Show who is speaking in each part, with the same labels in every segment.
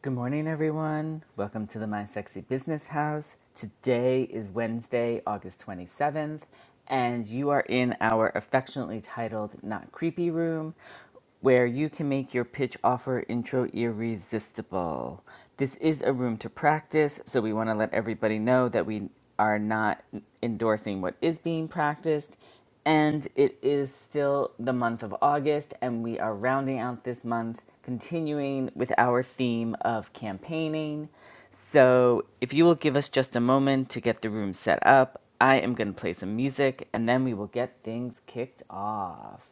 Speaker 1: Good morning, everyone. Welcome to the My Sexy Business House. Today is Wednesday, August 27th, and you are in our affectionately titled Not Creepy Room, where you can make your pitch offer intro irresistible. This is a room to practice, so we want to let everybody know that we are not endorsing what is being practiced and it is still the month of August, and we are rounding out this month, continuing with our theme of campaigning. So, if you will give us just a moment to get the room set up, I am going to play some music and then we will get things kicked off.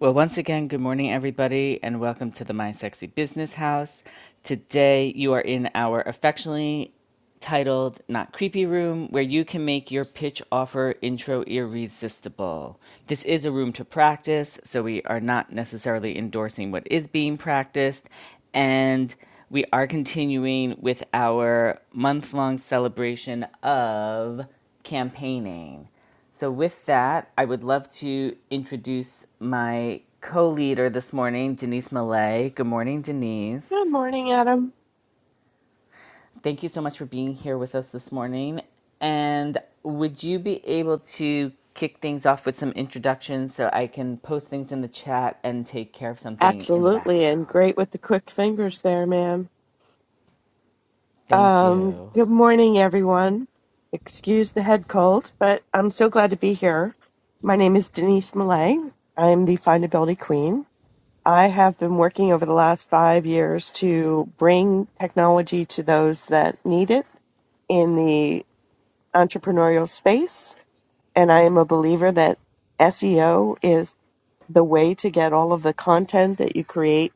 Speaker 1: Well, once again, good morning, everybody, and welcome to the My Sexy Business House. Today, you are in our affectionately titled Not Creepy Room, where you can make your pitch offer intro irresistible. This is a room to practice, so we are not necessarily endorsing what is being practiced, and we are continuing with our month long celebration of campaigning. So, with that, I would love to introduce my co leader this morning, Denise Millay. Good morning,
Speaker 2: Good
Speaker 1: Denise.
Speaker 2: morning, Adam.
Speaker 1: Thank you so much for being here with us this morning. And would you be able to kick things off with some introductions so I can post things in the chat and take care of something in the
Speaker 2: Absolutely, and
Speaker 1: background?
Speaker 2: great with the quick fingers there, ma'am.
Speaker 1: Thank
Speaker 2: Um,
Speaker 1: you.
Speaker 2: good morning, everyone. Excuse the head cold, but I'm so glad to be here. My name is Denise Millay. I'm the findability queen. I have been working over the last five years to bring technology to those that need it in the entrepreneurial space, and I am a believer that SEO is the way to get all of the content that you create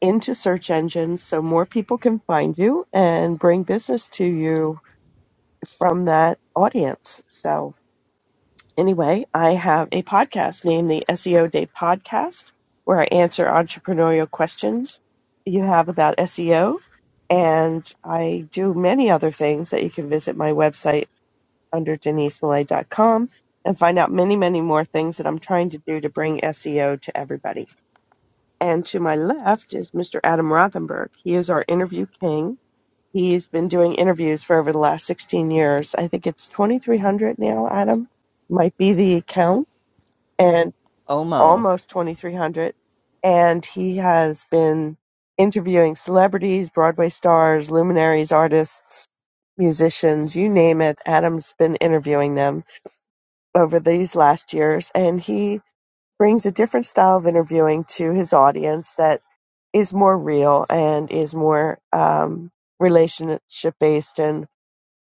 Speaker 2: into search engines so more people can find you and bring business to you from that audience. So, anyway, I have a podcast named the SEO Day Podcast where I answer entrepreneurial questions you have about SEO. And I do many other things that you can visit my website under denise millay dot com and find out many, many more things that I'm trying to do to bring SEO to everybody. And to my left is Mr. Adam Rothenberg. He is our interview king. He's been doing interviews for over the last 16 years. I think it's 2,300 now, Adam, might be the count, and almost
Speaker 1: Almost.
Speaker 2: 2,300. And he has been interviewing celebrities, Broadway stars, luminaries, artists, musicians, you name it. Adam's been interviewing them over these last years. And he brings a different style of interviewing to his audience that is more real and is more um, relationship based and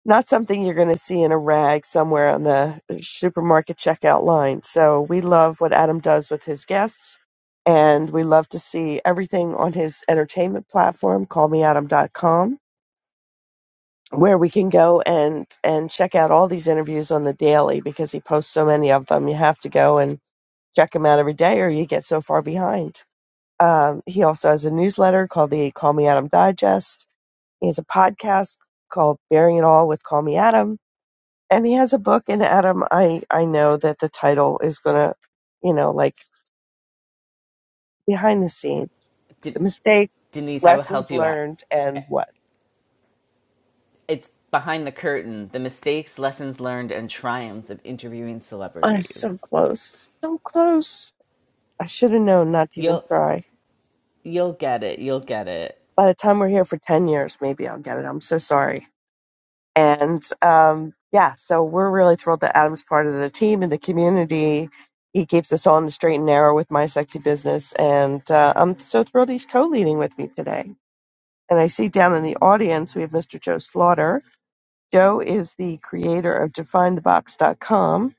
Speaker 2: not something you're going to see in a rag somewhere on the supermarket checkout line. So we love what Adam does with his guests and we love to see everything on his entertainment platform callmeadam.com where we can go and and check out all these interviews on the daily because he posts so many of them you have to go and check them out every day or you get so far behind um, he also has a newsletter called the Call Me Adam Digest. He has a podcast called Bearing It All with Call Me Adam. And he has a book. And Adam, I, I know that the title is going to, you know, like behind the scenes,
Speaker 1: De-
Speaker 2: the mistakes,
Speaker 1: Denise, I will help
Speaker 2: lessons
Speaker 1: you out.
Speaker 2: learned, and what.
Speaker 1: It's Behind the Curtain: The Mistakes, Lessons Learned, and Triumphs of Interviewing
Speaker 2: Oh, it's
Speaker 1: Celebrities.
Speaker 2: so close. So close. I should have known not to even
Speaker 1: You'll
Speaker 2: try.
Speaker 1: you'll get it. You'll get it.
Speaker 2: By the time we're here for 10 years, maybe I'll get it. I'm so sorry. And um, yeah, so we're really thrilled that Adam's part of the team and the community. He keeps us on the straight and narrow with my sexy business. And uh, I'm so thrilled he's co leading with me today. And I see down in the audience, we have Mr. Joe Slaughter. Joe is the creator of DefineTheBox.com,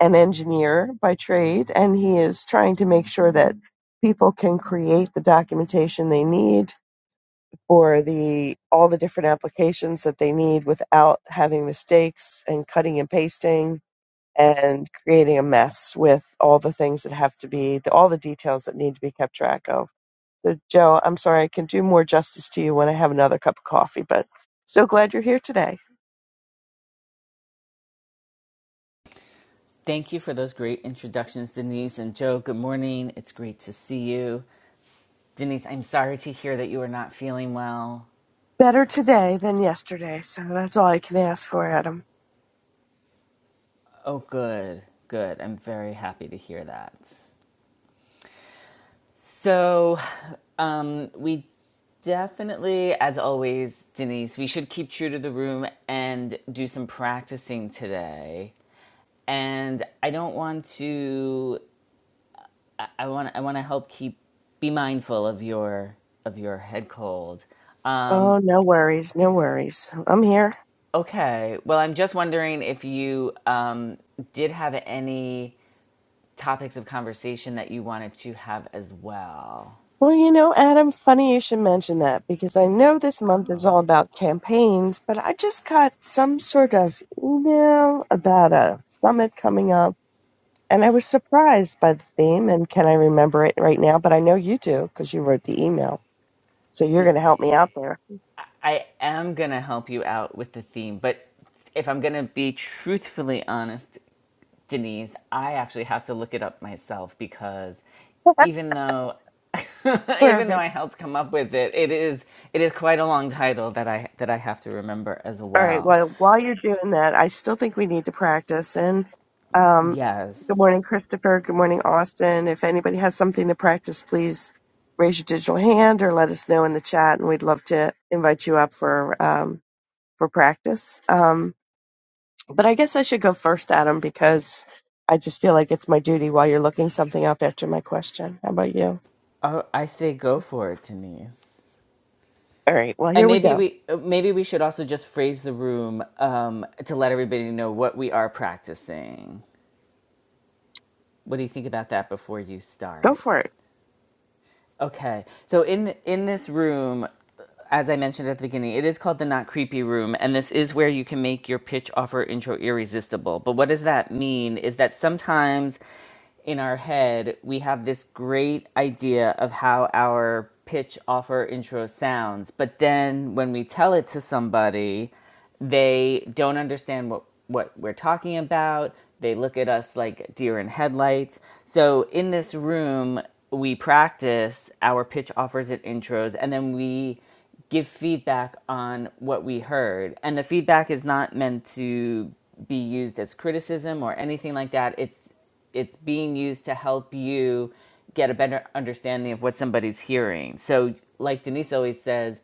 Speaker 2: an engineer by trade, and he is trying to make sure that people can create the documentation they need or the all the different applications that they need without having mistakes and cutting and pasting and creating a mess with all the things that have to be the, all the details that need to be kept track of. So Joe, I'm sorry I can do more justice to you when I have another cup of coffee, but so glad you're here today.
Speaker 1: Thank you for those great introductions, Denise and Joe. Good morning. It's great to see you. Denise, I'm sorry to hear that you are not feeling well.
Speaker 2: Better today than yesterday, so that's all I can ask for, Adam.
Speaker 1: Oh, good. Good. I'm very happy to hear that. So, um, we Definitely, as always, Denise, we should keep true to the room and do some practicing today. and I don't want to. I want. I want to help keep. Be mindful of your of your head cold.
Speaker 2: Oh,
Speaker 1: Um,
Speaker 2: no worries, no worries. I'm here.
Speaker 1: okay. Well, I'm just wondering if you um, did have any topics of conversation that you wanted to have as well.
Speaker 2: Well, you know, Adam, funny you should mention that because I know this month is all about campaigns, but I just got some sort of email about a summit coming up, and I was surprised by the theme. And can I remember it right now? But I know you do because you wrote the email, so you're going to help me out there.
Speaker 1: I am gonna help you out with the theme, but if I'm gonna be truthfully honest, Denise, I actually have to look it up myself because even though even though
Speaker 2: Perfect.
Speaker 1: I helped come up with it, it is it is quite a long title that I that I have to remember as
Speaker 2: All right.
Speaker 1: well.
Speaker 2: Well, while you're doing that, I still think we need to practice. And um, good morning,
Speaker 1: Yes.
Speaker 2: Christopher. Good morning, Austin. If anybody has something to practice, please raise your digital hand or let us know in the chat, and we'd love to invite you up for um, for practice. Um, but I guess I should go first, Adam, because I just feel like it's my duty while you're looking something up after my question. How about you?
Speaker 1: Oh, I say go for it, Denise.
Speaker 2: All right. Well,
Speaker 1: And
Speaker 2: here we
Speaker 1: maybe
Speaker 2: go.
Speaker 1: we maybe we should also just phrase the room um, to let everybody know what we are practicing. What do you think about that before you
Speaker 2: Go
Speaker 1: start?
Speaker 2: for it.
Speaker 1: Okay. So in th- in this room, as I mentioned at the beginning, it is called the not creepy room, and this is where you can make your pitch offer intro irresistible. But what does that mean? Is that sometimes in our head we have this great idea of how our pitch offer intro sounds, but then when we tell it to somebody they don't understand what what we're talking about they look at us like deer in headlights so in this room we practice our pitch offers and intros and then we give feedback on what we heard and the feedback is not meant to be used as criticism or anything like that it's it's being used to help you get a better understanding of what somebody's hearing so like denise always says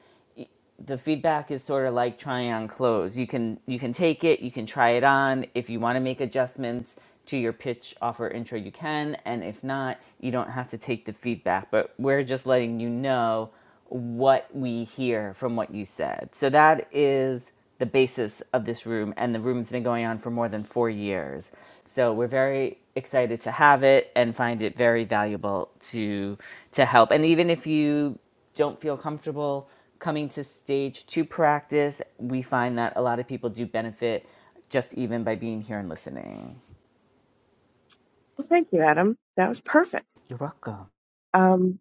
Speaker 1: the feedback is sort of like trying on clothes. You can you can take it, you can try it on. If you want to make adjustments to your pitch, offer, intro, you can, and if not, you don't have to take the feedback. But we're just letting you know what we hear from what you said. So that is the basis of this room, and the room's been going on for more than four years. So we're very excited to have it and find it very valuable to to help. And even if you don't feel comfortable coming to stage two practice, we find that a lot of people do benefit just even by being here and listening.
Speaker 2: Well, thank you, Adam. That was perfect.
Speaker 1: You're welcome.
Speaker 2: Um,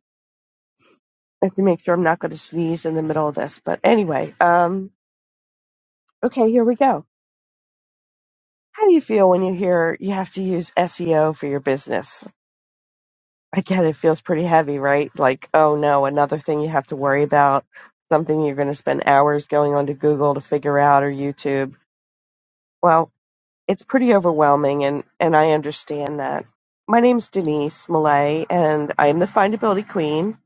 Speaker 2: I have to make sure I'm not going to sneeze in the middle of this. But anyway, um, okay, here we go. How do you feel when you hear you have to use SEO for your business? I get it feels pretty heavy, right? Like, oh no, another thing you have to worry about, something you're going to spend hours going onto Google to figure out or YouTube. Well, it's pretty overwhelming, and, and I understand that. My name's Denise Millay, and I'm the Findability Queen,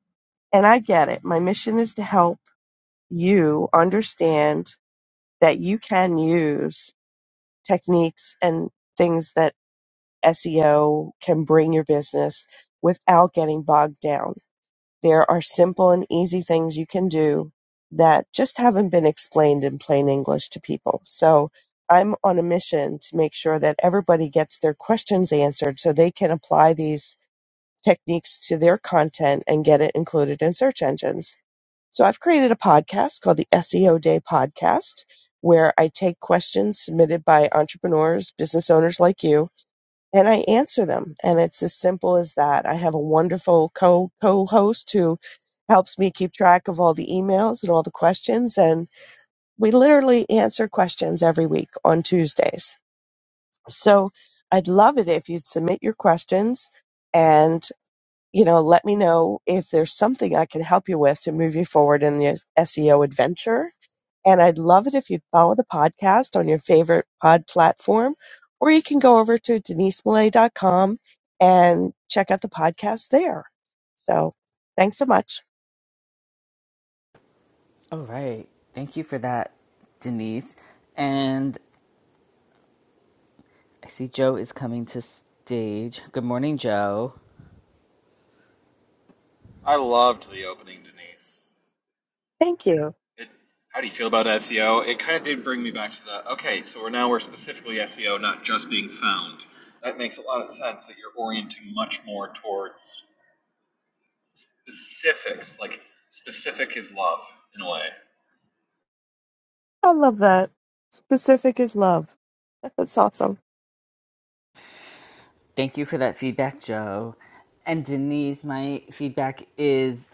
Speaker 2: and I get it. My mission is to help you understand that you can use techniques and things that SEO can bring your business without getting bogged down. There are simple and easy things you can do that just haven't been explained in plain English to people. So I'm on a mission to make sure that everybody gets their questions answered so they can apply these techniques to their content and get it included in search engines so I've created a podcast called the SEO Day Podcast, where I take questions submitted by entrepreneurs, business owners like you, and I answer them. And it's as simple as that. I have a wonderful co co host who helps me keep track of all the emails and all the questions. And we literally answer questions every week on Tuesdays. So I'd love it if you'd submit your questions. And you know, let me know if there's something I can help you with to move you forward in the SEO adventure. And I'd love it if you'd follow the podcast on your favorite pod platform, or you can go over to denisemillay.com and check out the podcast there. So thanks so much.
Speaker 1: All right. Thank you for that, Denise. And I see Joe is coming to stage. Good morning, Joe.
Speaker 3: I loved the opening, Denise.
Speaker 2: Thank you.
Speaker 3: It, how do you feel about SEO? It kind of did bring me back to the okay. So we're now we're specifically SEO, not just being found. That makes a lot of sense that you're orienting much more towards specifics. Like specific is love in a way.
Speaker 2: I love that. Specific is love. That's awesome.
Speaker 1: Thank you for that feedback, Joe. And Denise, my feedback is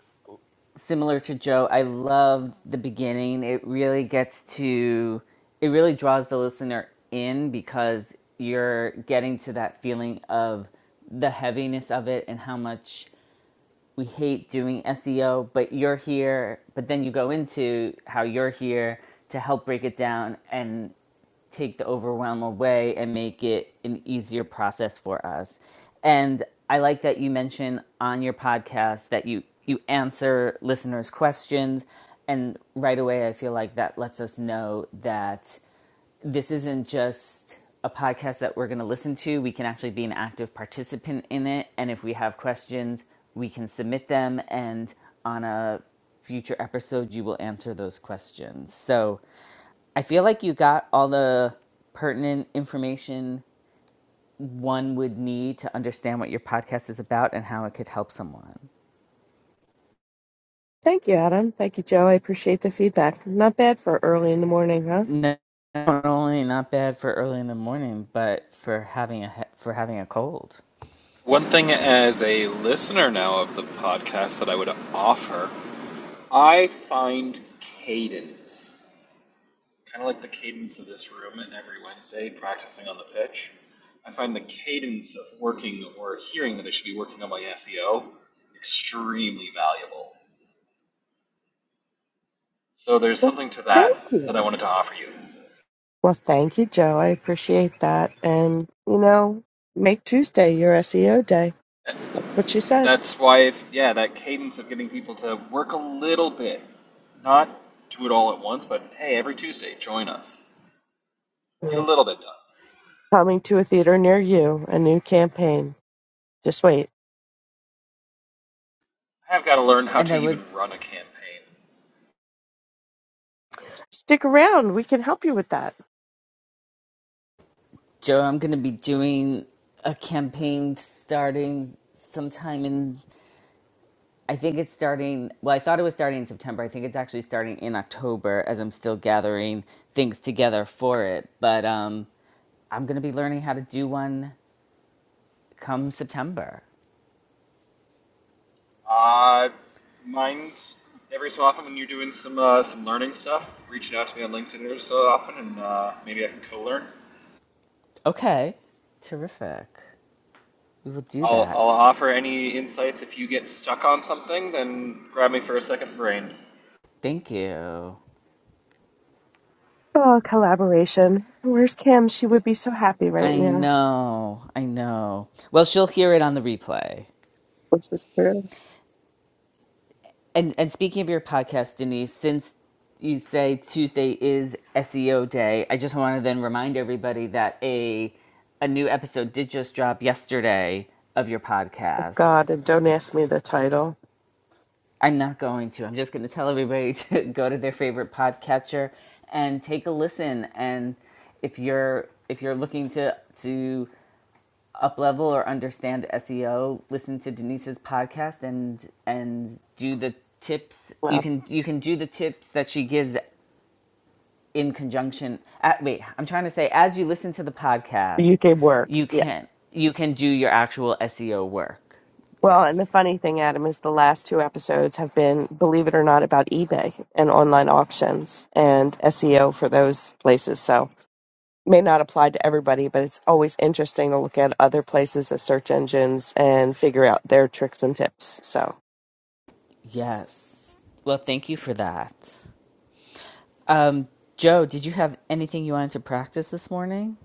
Speaker 1: similar to Joe, I love the beginning. It really gets to, it really draws the listener in because you're getting to that feeling of the heaviness of it and how much we hate doing SEO, but you're here. But then you go into how you're here to help break it down and take the overwhelm away and make it an easier process for us. And I like that you mention on your podcast that you you answer listeners' questions and right away I feel like that lets us know that this isn't just a podcast that we're going to listen to. We can actually be an active participant in it. And if we have questions, we can submit them. And on a future episode, you will answer those questions. So I feel like you got all the pertinent information one would need to understand what your podcast is about and how it could help someone.
Speaker 2: Thank you, Adam. Thank you, Joe. I appreciate the feedback. Not bad for early in the morning, huh?
Speaker 1: Not only not bad for early in the morning, but for having a for having a cold.
Speaker 3: One thing as a listener now of the podcast that I would offer, I find cadence kind of like the cadence of this room and every Wednesday practicing on the pitch. I find the cadence of working or hearing that I should be working on my SEO extremely valuable. So there's
Speaker 2: Well,
Speaker 3: something to
Speaker 2: Thank
Speaker 3: that
Speaker 2: you.
Speaker 3: that I wanted to offer you.
Speaker 2: Well, thank you, Joe. I appreciate that. And, you know, make Tuesday your SEO day. That's what she says.
Speaker 3: That's why, if, yeah, that cadence of getting people to work a little bit, not do it all at once, but hey, every Tuesday, join us. Get
Speaker 2: Yeah.
Speaker 3: a little bit done.
Speaker 2: Coming to a theater near you, a new campaign. Just wait.
Speaker 3: I have got to learn how
Speaker 1: And
Speaker 3: to
Speaker 1: I
Speaker 3: even
Speaker 1: was
Speaker 3: run a campaign.
Speaker 2: Stick around. We can help you with that.
Speaker 1: Joe, I'm going to be doing a campaign starting sometime in, I think it's starting, well, I thought it was starting in September. I think it's actually starting in October as I'm still gathering things together for it. But um, I'm going to be learning how to do one come September.
Speaker 3: Uh, mind every so often when you're doing some uh, some learning stuff, reaching out to me on LinkedIn every so often, and uh, maybe I can co-learn.
Speaker 1: Okay, terrific. We will do
Speaker 3: I'll
Speaker 1: that.
Speaker 3: I'll offer any insights if you get stuck on something, then grab me for a second brain.
Speaker 1: Thank you.
Speaker 2: Oh, collaboration. Where's Kim? She would be so happy right
Speaker 1: I
Speaker 2: now.
Speaker 1: know, I know. Well, she'll hear it on the replay.
Speaker 2: What's this for?
Speaker 1: And and speaking of your podcast, Denise, since you say Tuesday is SEO day, I just want to then remind everybody that a a new episode did just drop yesterday of your podcast.
Speaker 2: God, and don't ask me the title.
Speaker 1: I'm not going to. I'm just going to tell everybody to go to their favorite podcatcher and take a listen. And if you're if you're looking to to up level or understand SEO, listen to Denise's podcast and and do the tips. You
Speaker 2: Wow.
Speaker 1: can you can do the tips that she gives in conjunction. At, wait, I'm trying to say as you listen to the podcast,
Speaker 2: The UK work.
Speaker 1: you can you can do your actual SEO work.
Speaker 2: Well, and the
Speaker 1: Yes.
Speaker 2: funny thing, Adam, is the last two episodes have been, believe it or not, about eBay and online auctions and SEO for those places. So may not apply to everybody, but it's always interesting to look at other places as search engines and figure out their tricks and tips. So
Speaker 1: Yes. Well, thank you for that. Um, Joe, did you have anything you wanted to practice this morning?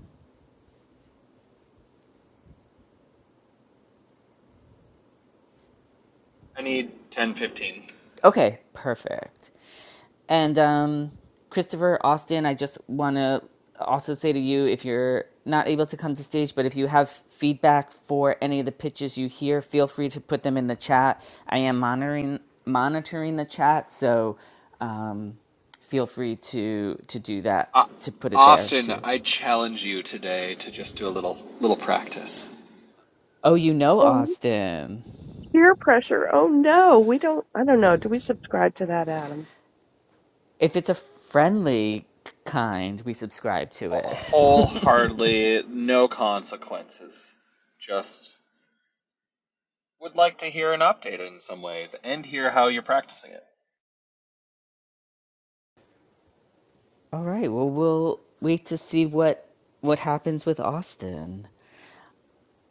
Speaker 3: I need ten, fifteen.
Speaker 1: Okay, perfect. And um, Christopher Austin, I just want to also say to you if you're not able to come to stage, but if you have feedback for any of the pitches you hear, feel free to put them in the chat. I am monitoring monitoring the chat, so um, feel free to to do that
Speaker 3: Uh,
Speaker 1: to put it there
Speaker 3: Austin,
Speaker 1: too.
Speaker 3: I challenge you today to just do a little little practice.
Speaker 1: Oh, you know
Speaker 2: oh,
Speaker 1: Austin.
Speaker 2: peer pressure. Oh no, we don't. I don't know. Do we subscribe to that, Adam?
Speaker 1: If it's a friendly kind, we subscribe to it.
Speaker 3: Wholeheartedly, no consequences. Just would like to hear an update in some ways and hear how you're practicing it.
Speaker 1: All right. Well, we'll wait to see what what happens with Austin.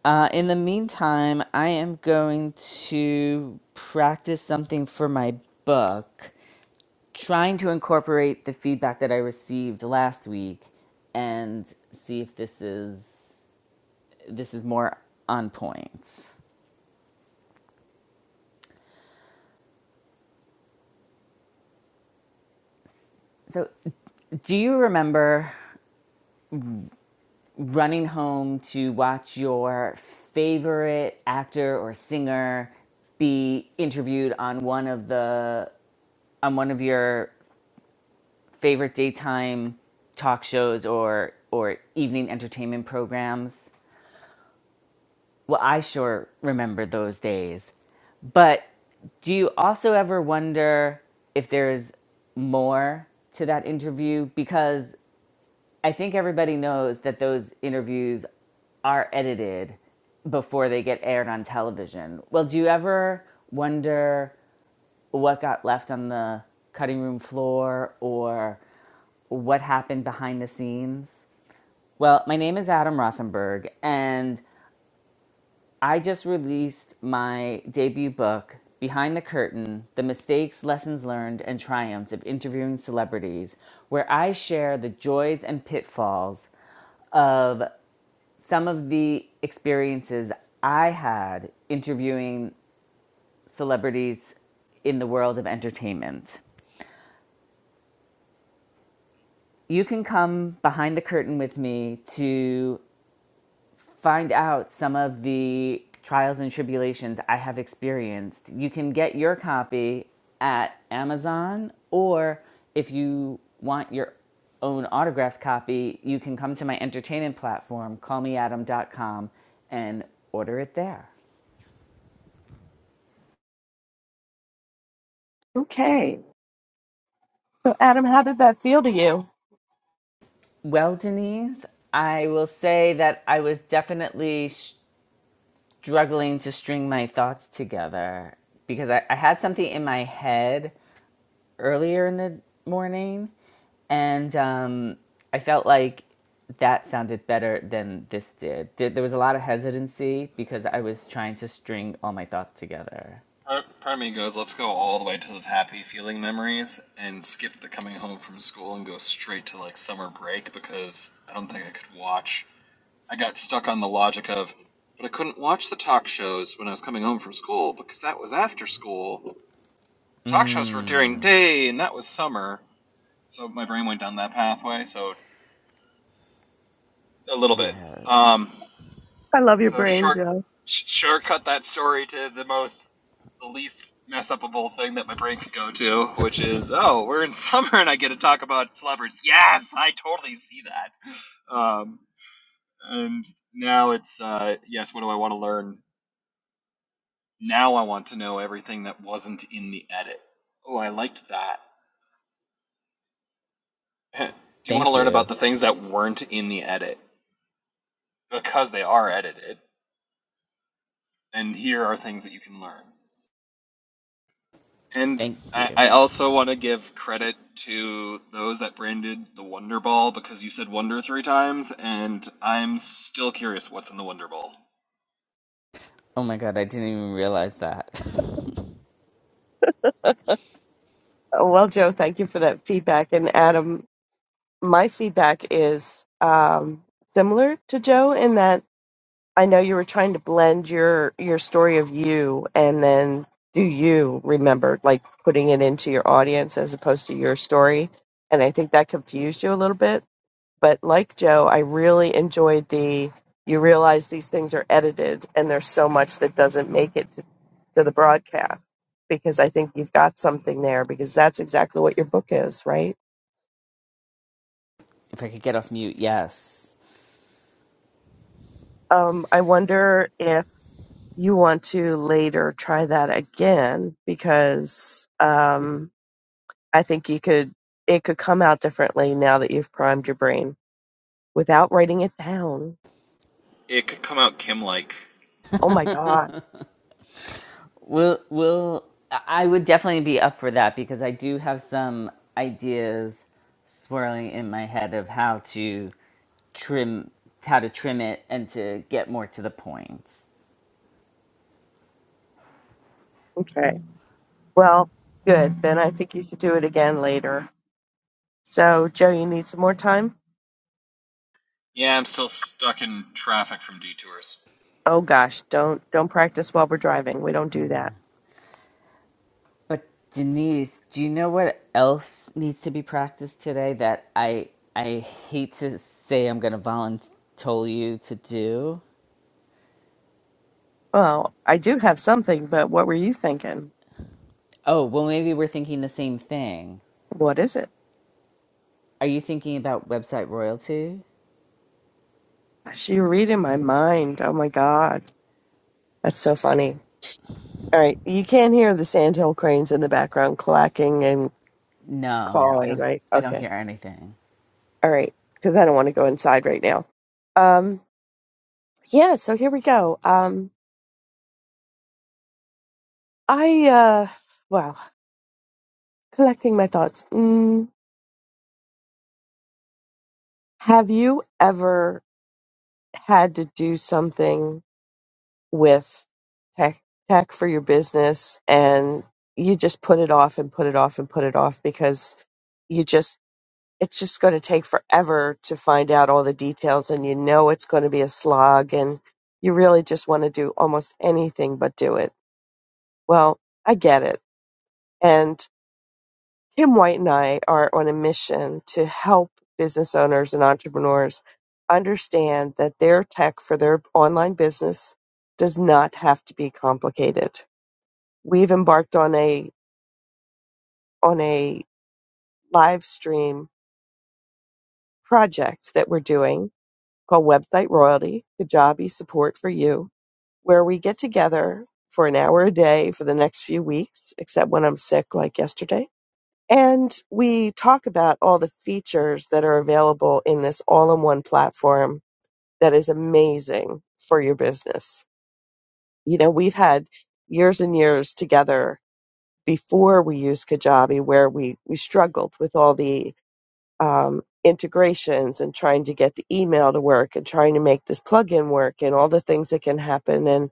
Speaker 1: Uh, in the meantime, I am going to practice something for my book, trying to incorporate the feedback that I received last week, and see if this is this is more on point. So, do you remember? running home to watch your favorite actor or singer be interviewed on one of the on one of your favorite daytime talk shows or or evening entertainment programs. Well, I sure remember those days. But do you also ever wonder if there's more to that interview because I think everybody knows that those interviews are edited before they get aired on television. Well, do you ever wonder what got left on the cutting room floor or what happened behind the scenes? Well, my name is Adam Rothenberg, and I just released my debut book, Behind the Curtain The Mistakes, Lessons Learned, and Triumphs of Interviewing Celebrities, where I share the joys and pitfalls of. some of the experiences I had interviewing celebrities in the world of entertainment. You can come behind the curtain with me to find out some of the trials and tribulations I have experienced. You can get your copy at Amazon, or if you want your own autographed copy, you can come to my entertainment platform, callmeadam.com, and order it there.
Speaker 2: Okay. So, Adam, how did that feel to you?
Speaker 1: Well, Denise, I will say that I was definitely struggling to string my thoughts together because I, I had something in my head earlier in the morning, and um, I felt like that sounded better than this did. There there was a lot of hesitancy because I was trying to string all my thoughts together.
Speaker 3: Part, part of me goes, let's go all the way to those happy feeling memories and skip the coming home from school and go straight to like summer break because I don't think I could watch. I got stuck on the logic of, but I couldn't watch the talk shows when I was coming home from school because that was after school. Talk shows were during day and that was summer. So my brain went down that pathway. So a little bit.
Speaker 1: Yes.
Speaker 3: Um,
Speaker 2: I love your
Speaker 3: So
Speaker 2: brain,
Speaker 3: short,
Speaker 2: Joe.
Speaker 3: shortcut that story to the most, the least mess upable thing that my brain could go to, which is, oh, we're in summer and I get to talk about celebrities. Yes, I totally see that. Um, and now it's, uh, yes, what do I want to learn? Now I want to know everything that wasn't in the edit. Oh, I liked that. do you want to
Speaker 1: Thank
Speaker 3: learn
Speaker 1: you.
Speaker 3: about the things that weren't in the edit? Because they are edited. And here are things that you can learn. And
Speaker 1: Thank
Speaker 3: I,
Speaker 1: you.
Speaker 3: I also want to give credit to those that branded the Wonder Ball because you said Wonder three times, and I'm still curious what's in the Wonder Ball.
Speaker 1: Oh my God, I didn't even realize that.
Speaker 2: Oh, Well, Joe, thank you for that feedback. And Adam, my feedback is um, similar to Joe in that I know you were trying to blend your your story of you and then do you remember like putting it into your audience as opposed to your story, and I think that confused you a little bit. But like Joe, I really enjoyed the you realize these things are edited and there's so much that doesn't make it to, to the broadcast because I think you've got something there because that's exactly what your book is, right?
Speaker 1: If I could get off mute, yes.
Speaker 2: Um, I wonder if you want to later try that again because um, I think you could it could come out differently now that you've primed your brain without writing it down.
Speaker 3: It could come out Kim like.
Speaker 2: Oh my god.
Speaker 1: Will will I would definitely be up for that because I do have some ideas swirling in my head of how to trim how to trim it and to get more to the point.
Speaker 2: Okay. Well, good. Then I think you should do it again later. So, Joe, you need some more time?
Speaker 3: Yeah, I'm still stuck in traffic from detours.
Speaker 2: Oh gosh, don't don't practice while we're driving. We don't do that.
Speaker 1: But Denise, do you know what else needs to be practiced today that I I hate to say I'm going to volunteer you to do?
Speaker 2: Well, I do have something, but what were you thinking?
Speaker 1: Oh, well maybe we're thinking the same thing.
Speaker 2: What is it?
Speaker 1: Are you thinking about website royalty?
Speaker 2: Gosh, You're reading my mind. Oh my god. That's so funny. All right. You can hear the sandhill cranes in the background clacking and
Speaker 1: No, I
Speaker 2: cawing,
Speaker 1: don't
Speaker 2: right?
Speaker 1: I don't
Speaker 2: Okay.
Speaker 1: hear anything.
Speaker 2: All right. Because I don't want to go inside right now. Um, yeah. So here we go. Um, I, uh, well, collecting my thoughts. Mm, have you ever had to do something with tech, tech for your business and you just put it off and put it off and put it off because you just it's just going to take forever to find out all the details and you know it's going to be a slog and you really just want to do almost anything but do it. Well, I get it. And Kim White and I are on a mission to help business owners and entrepreneurs understand that their tech for their online business does not have to be complicated. We've embarked on a on a live stream project that we're doing called Website Royalty Kajabi Support for You, where we get together for an hour a day for the next few weeks, except when I'm sick, like yesterday. And we talk about all the features that are available in this all in one platform that is amazing for your business. You know, we've had years and years together before we used Kajabi where we, we struggled with all the um, integrations and trying to get the email to work and trying to make this plugin work and all the things that can happen. And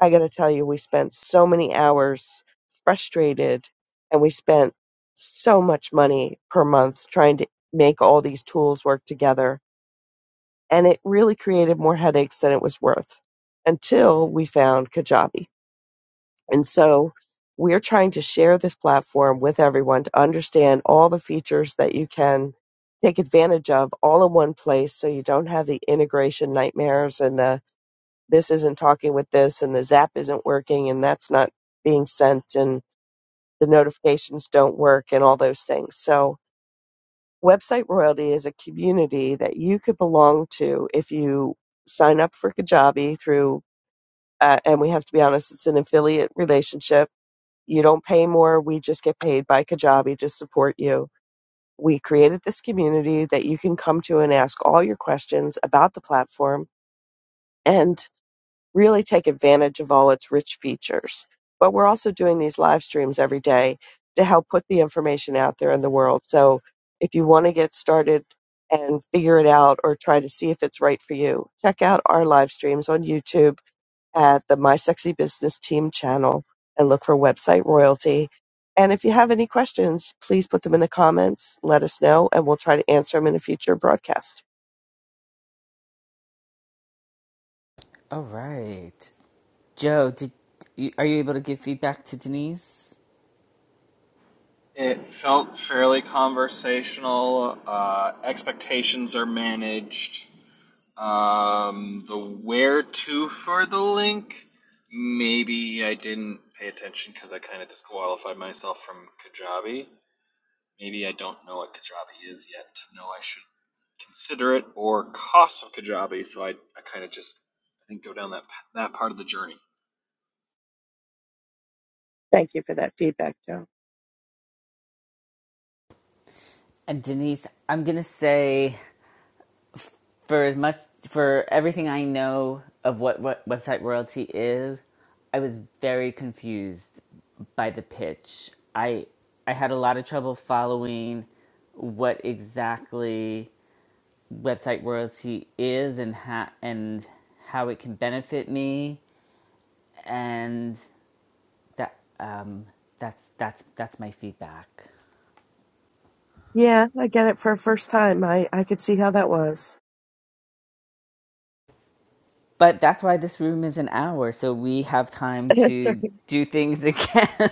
Speaker 2: I got to tell you, we spent so many hours frustrated and we spent so much money per month trying to make all these tools work together. And it really created more headaches than it was worth until we found Kajabi. And so we're trying to share this platform with everyone to understand all the features that you can take advantage of all in one place so you don't have the integration nightmares and the this isn't talking with this and the zap isn't working and that's not being sent and the notifications don't work and all those things. So website royalty is a community that you could belong to if you sign up for Kajabi through uh, and we have to be honest it's an affiliate relationship you don't pay more. We just get paid by Kajabi to support you. We created this community that you can come to and ask all your questions about the platform and really take advantage of all its rich features. But we're also doing these live streams every day to help put the information out there in the world. So if you want to get started and figure it out or try to see if it's right for you, check out our live streams on YouTube at the My Sexy Business Team channel and look for website royalty. And if you have any questions, please put them in the comments, let us know, and we'll try to answer them in a future broadcast.
Speaker 1: All right. Joe, did you, are you able to give feedback to Denise?
Speaker 3: It felt fairly conversational. Uh, expectations are managed. Um, the where to for the link maybe I didn't pay attention because I kind of disqualified myself from Kajabi. Maybe I don't know what Kajabi is yet to know I should consider it or cost of Kajabi. So I, I kind of just I didn't go down that that part of the journey.
Speaker 2: Thank you for that feedback, Joe.
Speaker 1: And Denise, I'm gonna say for as much for everything I know of what, what website royalty is, I was very confused by the pitch. I I had a lot of trouble following what exactly website royalty is and how and how it can benefit me and that um, that's that's that's my feedback.
Speaker 2: Yeah, I get it for a first time. I, I could see how that was.
Speaker 1: But that's why this room is an hour, so we have time to do things again.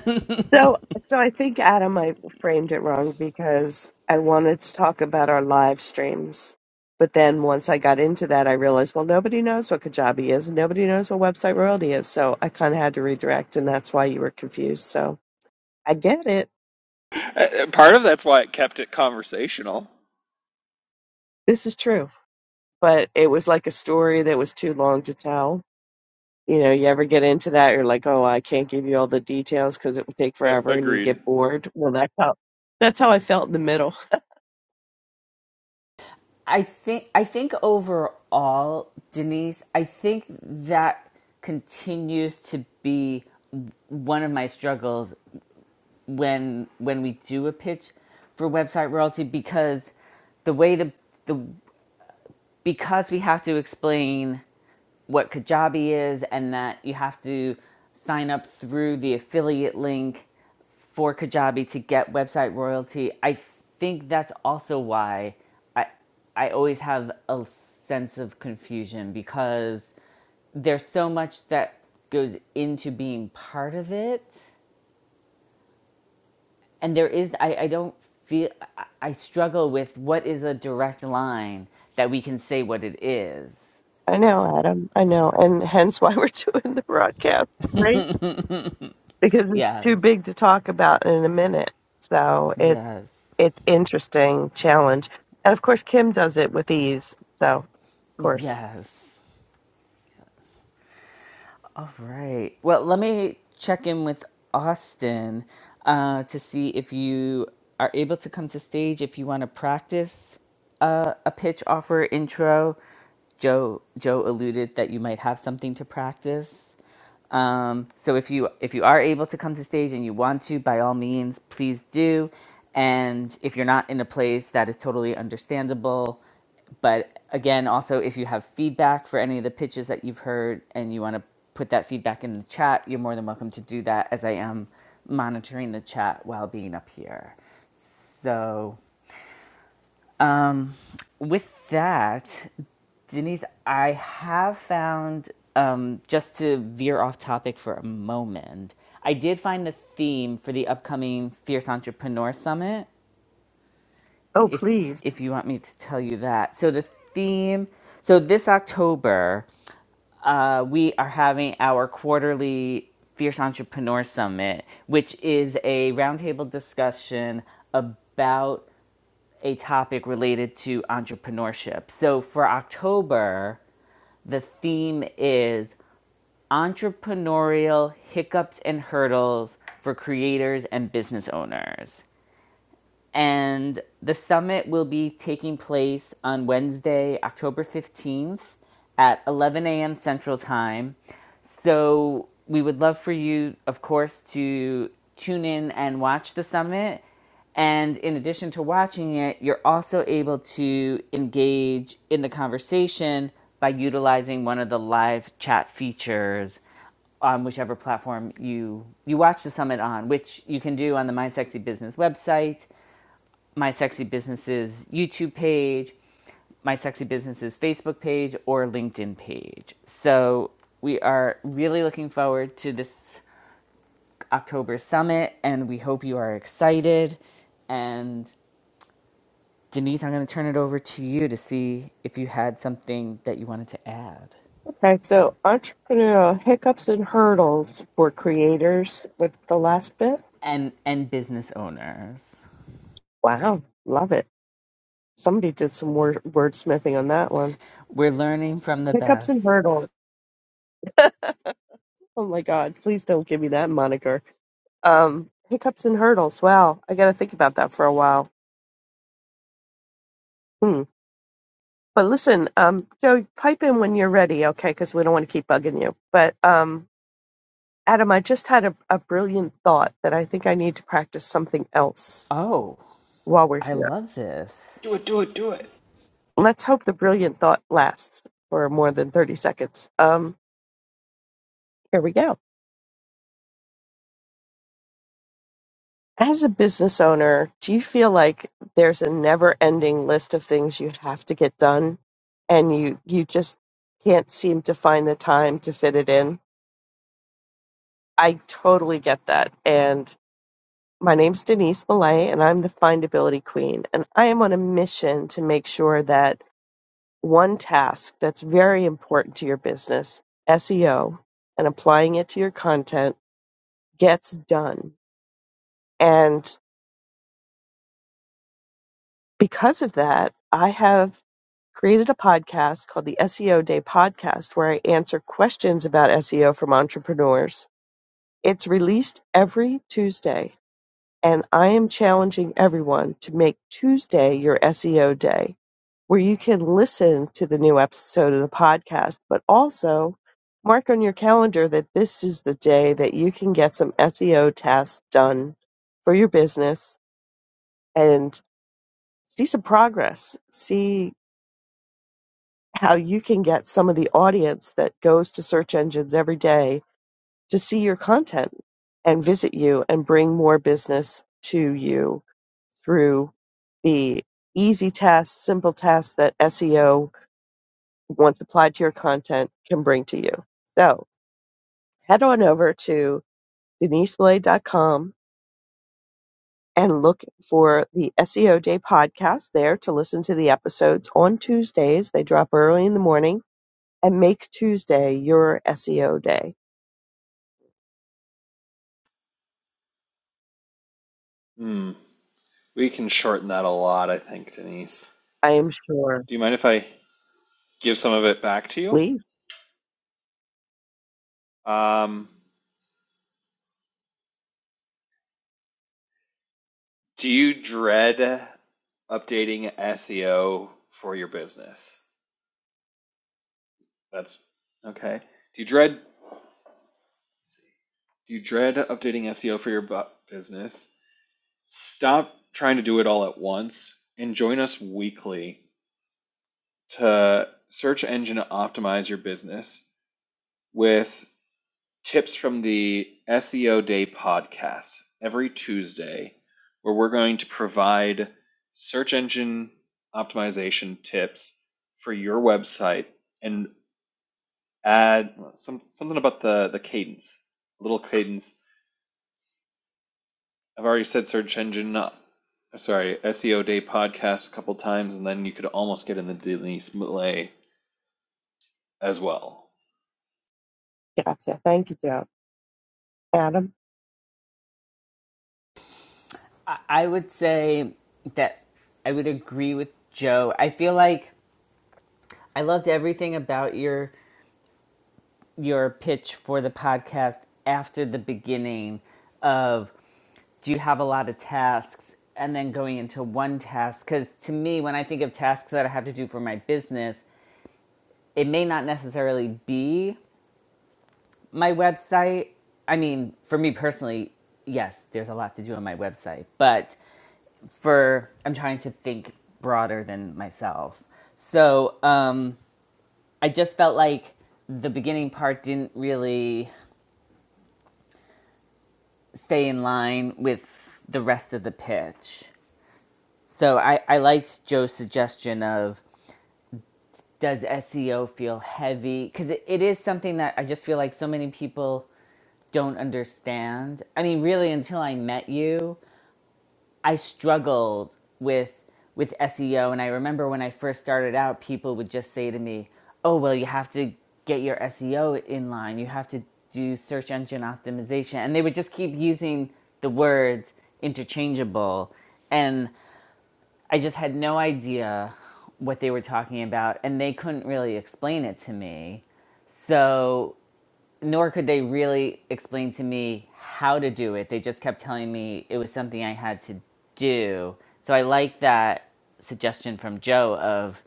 Speaker 2: So, so I think Adam, I framed it wrong because I wanted to talk about our live streams. But then once I got into that, I realized, well, nobody knows what Kajabi is, and nobody knows what website royalty is. So I kind of had to redirect, and that's why you were confused. So I get it.
Speaker 3: Uh, uh, Part of that's why it kept it conversational.
Speaker 2: This is true. But it was like a story that was too long to tell. You know, you ever get into that, you're like, oh, I can't give you all the details because it would take
Speaker 3: Uh,
Speaker 2: forever and you get
Speaker 3: agreed.
Speaker 2: bored. Well, that's how, that's how I felt in the middle.
Speaker 1: I think I think overall, Denise, I think that continues to be one of my struggles when when we do a pitch for website royalty because the way the the because we have to explain what Kajabi is and that you have to sign up through the affiliate link for Kajabi to get website royalty. I think that's also why I I always have a sense of confusion because there's so much that goes into being part of it. And there is I, I don't feel I struggle with what is a direct line that we can say what it is
Speaker 2: I know, Adam. I know. And hence why we're doing the broadcast, right? Because it's too
Speaker 1: Yes.
Speaker 2: big to talk about in a minute. So it's
Speaker 1: Yes.
Speaker 2: it's interesting challenge. And of course Kim does it with ease. So of course.
Speaker 1: Yes. All right. Well, let me check in with Austin uh, to see if you are able to come to stage if you want to practice uh, a pitch offer intro. Joe Joe alluded that you might have something to practice. Um, so if you if you are able to come to stage and you want to, by all means, please do. And if you're not in a place that is totally understandable, but again, also if you have feedback for any of the pitches that you've heard and you want to put that feedback in the chat, you're more than welcome to do that as I am monitoring the chat while being up here. So with that, Denise, I have found, um, just to veer off topic for a moment, I did find the theme for the upcoming Fierce Entrepreneur Summit,
Speaker 2: Oh
Speaker 1: if,
Speaker 2: please.
Speaker 1: if you want me to tell you that. So, the theme, so this October, uh, we are having our quarterly Fierce Entrepreneur Summit, which is a roundtable discussion about a topic related to entrepreneurship. So for October, the theme is entrepreneurial hiccups and hurdles for creators and business owners. And the summit will be taking place on Wednesday, October 15th at 11 a.m. Central Time. So we would love for you, of course, to tune in and watch the summit. And in addition to watching it, you're also able to engage in the conversation by utilizing one of the live chat features on whichever platform you you watch the summit on, which you can do on the My Sexy Business website my sexy business's YouTube page, my sexy business's Facebook page, or LinkedIn page. So we are really looking forward to this October summit, and we hope you are excited. And Denise, I'm going to turn it over to you to see if you had something that you wanted to add.
Speaker 2: Okay, so entrepreneurial hiccups and hurdles for creators. What's the last bit?
Speaker 1: And and business owners,
Speaker 2: Wow, love it. Somebody did some word wordsmithing on that one.
Speaker 1: we're learning from the
Speaker 2: Hiccups and
Speaker 1: best.
Speaker 2: hurdles. Oh my god, please don't give me that moniker. Um, hiccups and hurdles. Wow, I got to think about that for a while. Hmm. But listen, um, Joe, pipe in when you're ready, okay? Because we don't want to keep bugging you. But um, Adam, I just had a, a brilliant thought that I think I need to practice something else
Speaker 1: Oh,
Speaker 2: while we're
Speaker 1: I
Speaker 2: here.
Speaker 1: love this.
Speaker 3: Do it, do it, do it.
Speaker 2: Let's hope the brilliant thought lasts for more than 30 seconds. Um, here we go. As a business owner, do you feel like there's a never-ending list of things you have to get done and you you just can't seem to find the time to fit it in? I totally get that. And my name's Denise Millay and I'm the findability queen and I am on a mission to make sure that one task that's very important to your business, SEO, and applying it to your content gets done. and because of that, I have created a podcast called the SEO Day Podcast where I answer questions about SEO from entrepreneurs. It's released every Tuesday, and I am challenging everyone to make Tuesday your SEO day, where you can listen to the new episode of the podcast, but also mark on your calendar that this is the day that you can get some SEO tasks done for your business and see some progress, see how you can get some of the audience that goes to search engines every day to see your content and visit you and bring more business to you through the easy tasks, simple tasks that SEO, once applied to your content, can bring to you. So head on over to deniseblade.com and look for the SEO Day podcast there to listen to the episodes on Tuesdays. They drop early in the morning and make Tuesday your SEO day.
Speaker 3: Hmm. We can shorten that a lot, I think, Denise.
Speaker 2: I am sure.
Speaker 3: Do you mind if I give some of it back to
Speaker 2: Please.
Speaker 3: you? Um, do you dread updating SEO for your business? That's okay. Do you dread? see. Do you dread updating SEO for your business? Stop trying to do it all at once and join us weekly to search engine optimize your business with tips from the SEO Day podcast every Tuesday, where we're going to provide search engine optimization tips for your website and add well, some, something about the, the cadence, a little cadence I've already said search engine, uh, sorry, SEO day podcast a couple times, and then you could almost get in the Denise Malay as well.
Speaker 2: Gotcha. Thank you, Joe. Adam.
Speaker 1: I would say that I would agree with Joe. I feel like I loved everything about your your pitch for the podcast after the beginning of do you have a lot of tasks and then going into one task cuz to me when I think of tasks that I have to do for my business, it may not necessarily be my website. I mean, for me personally, yes, there's a lot to do on my website, but for I'm trying to think broader than myself. So um, I just felt like the beginning part didn't really stay in line with the rest of the pitch. So I, I liked Joe's suggestion of does SEO feel heavy? Because it, it is something that I just feel like so many people don't understand. I mean, really, until I met you, I struggled with with SEO and I remember when I first started out people would just say to me, "Oh, well, you have to get your SEO in line. You have to do search engine optimization." And they would just keep using the words interchangeable and I just had no idea what they were talking about and they couldn't really explain it to me. So nor could they really explain to me how to do it. They just kept telling me it was something I had to do. So I like that suggestion from Joe of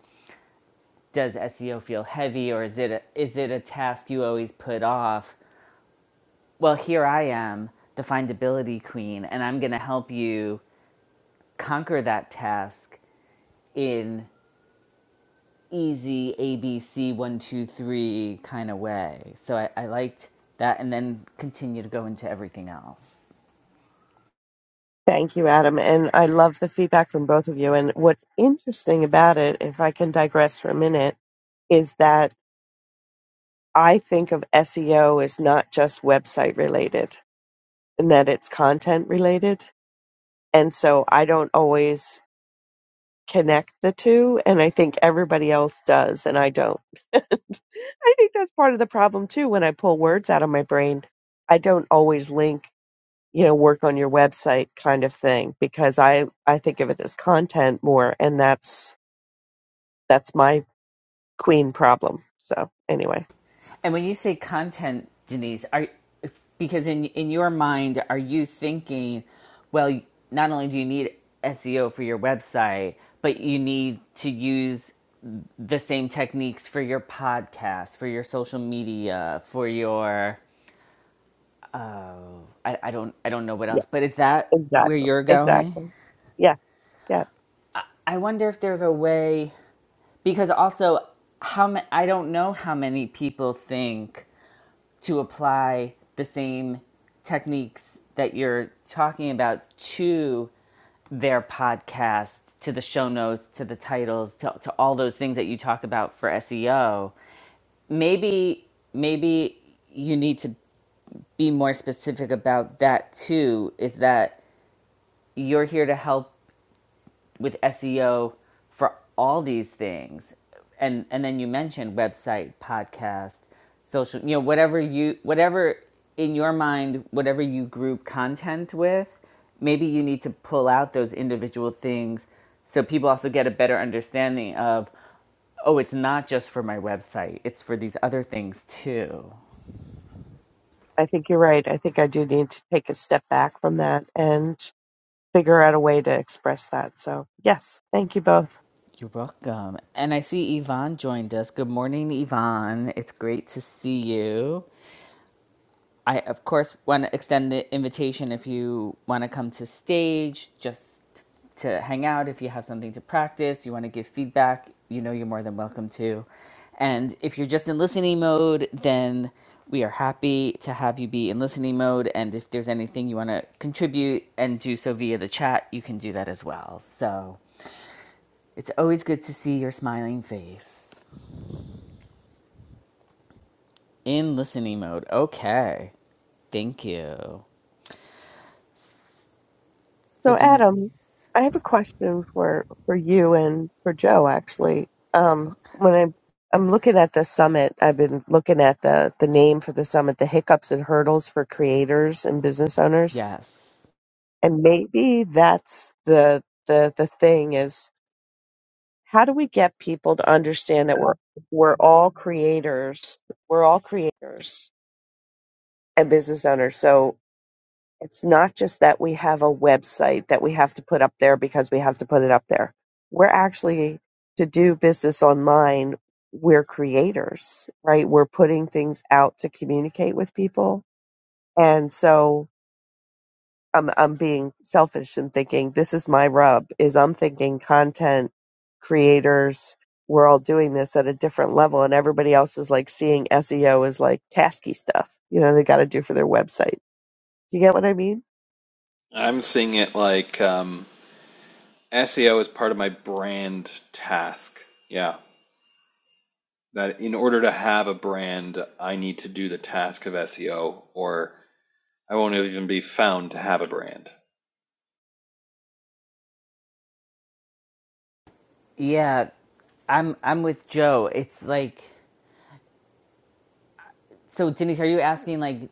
Speaker 1: does SEO feel heavy or is it a, is it a task you always put off? Well, here I am, the findability queen, and I'm going to help you conquer that task in easy ABC one two three kind of way. So I, I liked that, and then continue to go into everything else.
Speaker 2: Thank you, Adam. And I love the feedback from both of you. And what's interesting about it, if I can digress for a minute, is that I think of SEO as not just website related and that it's content related. And so I don't always connect the two. And I think everybody else does, and I don't. I think that's part of the problem too. When I pull words out of my brain, I don't always link, you know, work on your website kind of thing because I I think of it as content more, and that's that's my queen problem. So anyway,
Speaker 1: And when you say content, Denise, are because in in your mind, are you thinking, well, not only do you need SEO for your website, but you need to use the same techniques for your podcast, for your social media, for your I, I don't I don't know what
Speaker 2: yeah,
Speaker 1: else, but is that where
Speaker 2: exactly,
Speaker 1: you're going?
Speaker 2: exactly. Yeah, yeah.
Speaker 1: I wonder if there's a way because also how ma- I don't know how many people think to apply the same techniques that you're talking about to their podcast, to the show notes, to the titles, to, to all those things that you talk about for SEO. Maybe, maybe you need to be more specific about that too. Is that you're here to help with SEO for all these things. And and then you mentioned website, podcast, social, you know, whatever you whatever in your mind, whatever you group content with, maybe you need to pull out those individual things so people also get a better understanding of oh, it's not just for my website. It's for these other things too.
Speaker 2: I think you're right. I think I do need to take a step back from that and figure out a way to express that. So yes, thank you both.
Speaker 1: You're welcome. And I see Yvonne joined us. Good morning, Yvonne. It's great to see you. I, of course, want to extend the invitation if you want to come to stage just to hang out. If you have something to practice, you want to give feedback, you know you're more than welcome to. And if you're just in listening mode, then we are happy to have you be in listening mode. And if there's anything you want to contribute and do so via the chat, you can do that as well. So it's always good to see your smiling face in listening mode. Okay. Thank you. So,
Speaker 2: So,
Speaker 1: Denise,
Speaker 2: Adam, I have a question for for you and for Joe. Actually, um, when I I'm looking at the summit, I've been looking at the the name for the summit, the hiccups and hurdles for creators and business owners,
Speaker 1: yes.
Speaker 2: and maybe that's the the the thing is how do we get people to understand that we're we're all creators, we're all creators and business owners. So It's not just that we have a website that we have to put up there because we have to put it up there. We're actually to do business online, we're creators, right? We're putting things out to communicate with people. And so I'm I'm being selfish and thinking this is my rub is I'm thinking content creators we're all doing this at a different level and everybody else is like seeing SEO as like tasky stuff, you know, they got to do for their website. Do you get what I mean?
Speaker 3: I'm seeing it like um, SEO is part of my brand task. Yeah, that in order to have a brand, I need to do the task of SEO, or I won't even be found to have a brand.
Speaker 1: Yeah, I'm I'm with Joe. It's like so, Denise. Are you asking like,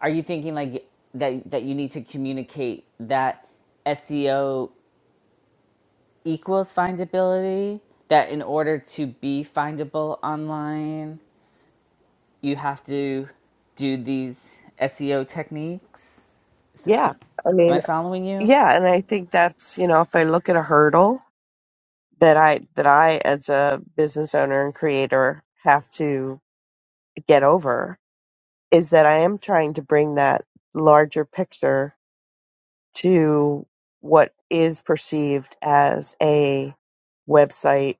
Speaker 1: are you thinking like that that you need to communicate that SEO equals findability? That in order to be findable online, you have to do these SEO techniques.
Speaker 2: Yeah. I mean,
Speaker 1: Am I following you?
Speaker 2: yeah, and I think that's, you know, if I look at a hurdle that I that I as a business owner and creator have to get over is that I am trying to bring that larger picture to what is perceived as a website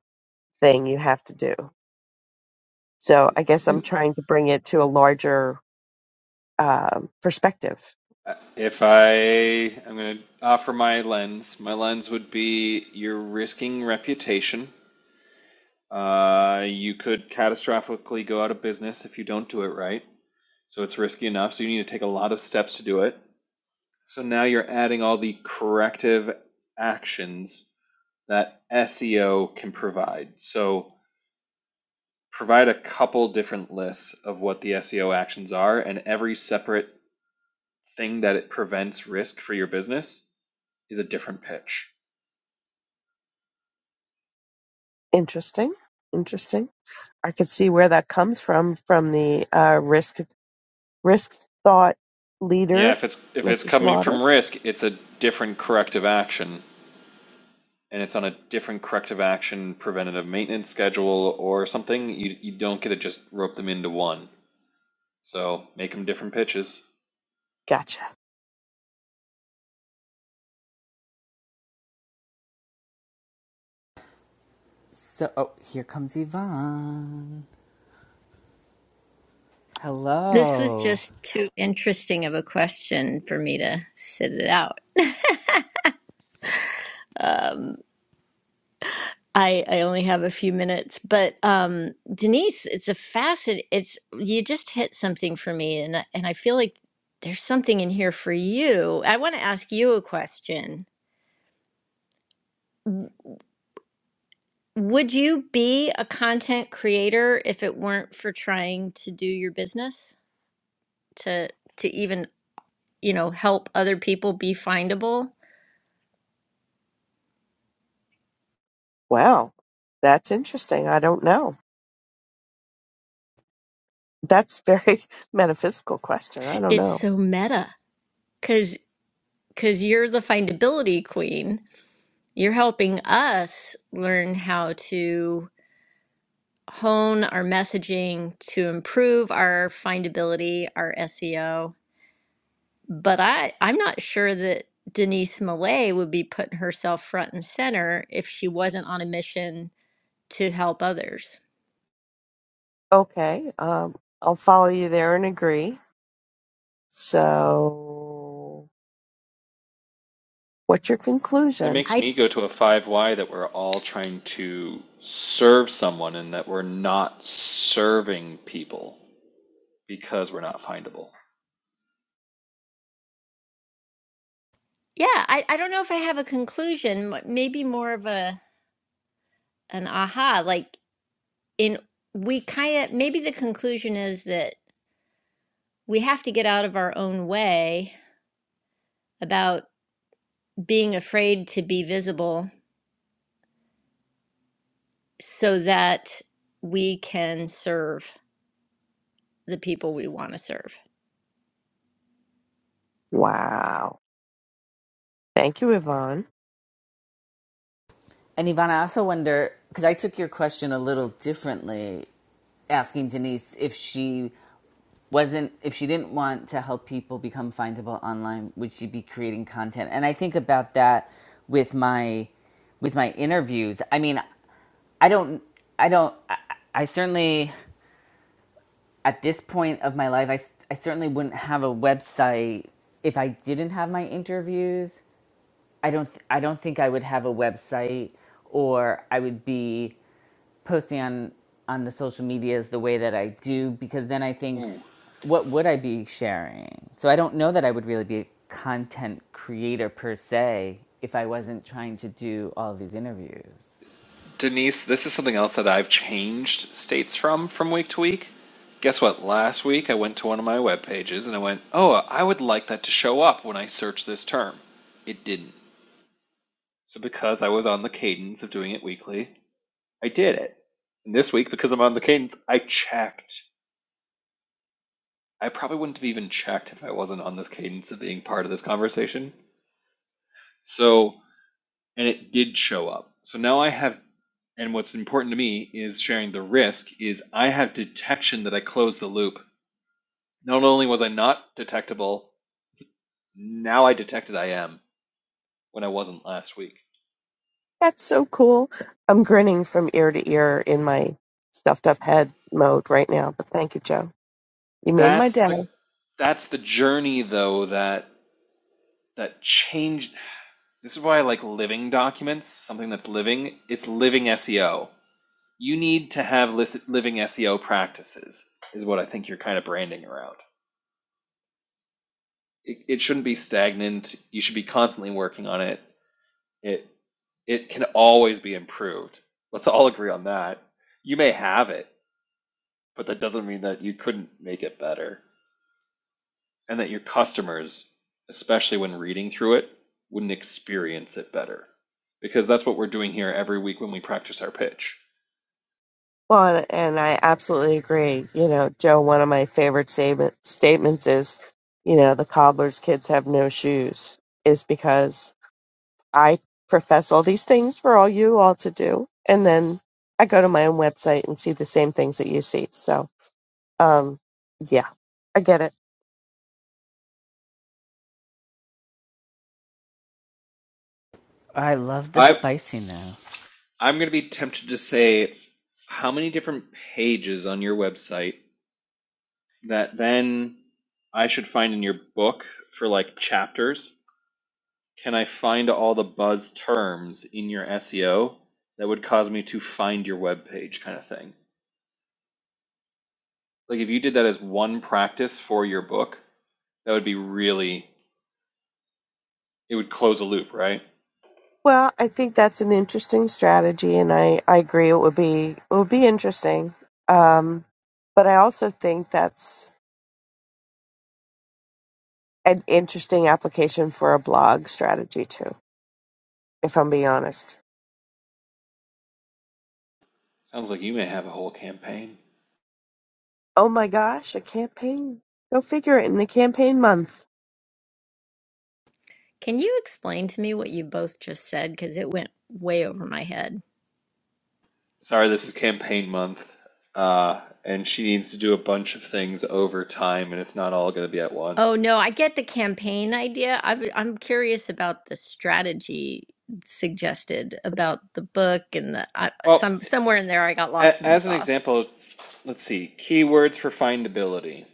Speaker 2: thing you have to do. So I guess I'm trying to bring it to a larger um, perspective
Speaker 3: Uh, If I am going to offer my lens, my lens would be you're risking reputation. Uh, you could catastrophically go out of business if you don't do it right. So it's risky enough. So you need to take a lot of steps to do it. So now you're adding all the corrective actions that SEO can provide. So provide a couple different lists of what the SEO actions are, and every separate thing that it prevents risk for your business is a different pitch.
Speaker 2: Interesting. Interesting. I could see where that comes from from the uh, risk risk thought
Speaker 3: Yeah,
Speaker 2: leader,
Speaker 3: if it's if it's
Speaker 2: Mr.
Speaker 3: coming
Speaker 2: Slaughter.
Speaker 3: from risk, it's a different corrective action, and it's on a different corrective action preventative maintenance schedule or something. You you don't get to just rope them into one. So make them different pitches.
Speaker 2: Gotcha.
Speaker 1: So, oh, here comes Yvonne.
Speaker 4: This was
Speaker 1: Hello.
Speaker 4: just too interesting of a question for me to sit it out. Um, I, I only have a few minutes, but um, Denise, it's a facet. It's you just hit something for me, and I- and I feel like there's something in here for you. I want to ask you a question. Would you be a content creator if it weren't for trying to do your business to to even you know help other people be findable?
Speaker 2: Wow, that's interesting. I don't know. That's very metaphysical question. I don't
Speaker 4: It's
Speaker 2: know.
Speaker 4: so meta. because. because you're the findability queen. You're helping us learn how to hone our messaging to improve our findability, our SEO. But I, I'm not sure that Denise Millay would be putting herself front and center if she wasn't on a mission to help others.
Speaker 2: Okay, um, I'll follow you there and agree. So, what's your
Speaker 3: That
Speaker 2: conclusion?
Speaker 3: makes
Speaker 4: I,
Speaker 3: me go to a five Y that we're all trying to serve someone and that we're not serving people because we're not findable.
Speaker 4: yeah, I, I don't know if I have a conclusion, m- maybe more of a an aha, like in we kind of maybe the conclusion is that we have to get out of our own way about being afraid to be visible so that we can serve the people we want to serve.
Speaker 2: Wow. Thank you, Yvonne.
Speaker 1: And Yvonne, I also wonder because I took your question a little differently asking Denise if she wasn't if she didn't want to help people become findable online, would she be creating content? And I think about that with my with my interviews. I mean, I don't I don't I, I certainly at this point of my life I I certainly wouldn't have a website if I didn't have my interviews. I don't th- I don't think I would have a website or I would be posting on on the social medias the way that I do because then I think
Speaker 3: Ooh.
Speaker 1: what would I be sharing? So I don't know that I would really be a content creator per se if I wasn't trying to do all of these interviews.
Speaker 3: Denise, this is something else that I've changed states from from week to week. Guess what? Last week I went to one of my web pages and I went, "Oh, I would like that to show up when I search this term." It didn't. So because I was on the cadence of doing it weekly, I did it. And this week because I'm on the cadence, I checked I probably wouldn't have even checked if I wasn't on this cadence of being part of this conversation. So, and it did show up. So now I have, and what's important to me is sharing the risk is I have detection that I closed the loop. Not only was I not detectable, now I detected I am when I wasn't last week.
Speaker 2: That's so cool. I'm grinning from ear to ear in my stuffed up head mode right now, but thank you, Joe. You made my
Speaker 3: That's
Speaker 2: day.
Speaker 3: the that's the journey though that that changed. This is why I like living documents, something that's living. It's living SEO You need to have living SEO practices, is what I think you're kind of branding around. It, it shouldn't be stagnant. You should be constantly working on it. It it can always be improved. Let's all agree on that. You may have it, but that doesn't mean that you couldn't make it better, and that your customers, especially when reading through it, wouldn't experience it better, because that's what we're doing here every week when we practice our pitch.
Speaker 2: Well, and I absolutely agree. You know, Joe, one of my favorite statement, statements is, you know, the cobbler's kids have no shoes, is because I profess all these things for all you all to do. And then I go to my own website and see the same things that you see. So, um, yeah, I get it.
Speaker 1: I love the
Speaker 3: I have
Speaker 1: spiciness.
Speaker 3: I'm going to be tempted to say how many different pages on your website that then I should find in your book for like chapters can I find all the buzz terms in your SEO that would cause me to find your web page kind of thing. Like if you did that as one practice for your book, that would be really it would close a loop, right?
Speaker 2: Well, I think that's an interesting strategy, and I, I agree it would be it would be interesting. Um, but I also think that's an interesting application for a blog strategy too. If I'm being honest.
Speaker 3: Sounds like you may have a whole campaign.
Speaker 2: Oh my gosh, a campaign! Go figure it in the campaign month.
Speaker 4: Can you explain to me what you both just said? Because it went way over my head.
Speaker 3: Sorry, this is campaign month, uh, and she needs to do a bunch of things over time, and it's not all going to be at
Speaker 4: Oh,
Speaker 3: once.
Speaker 4: no, I get the campaign idea. I've, I'm curious about the strategy suggested about the book and the I,
Speaker 3: Well,
Speaker 4: some somewhere in there I got lost
Speaker 3: a-
Speaker 4: in the
Speaker 3: as an
Speaker 4: sauce.
Speaker 3: example, let's see keywords for findability,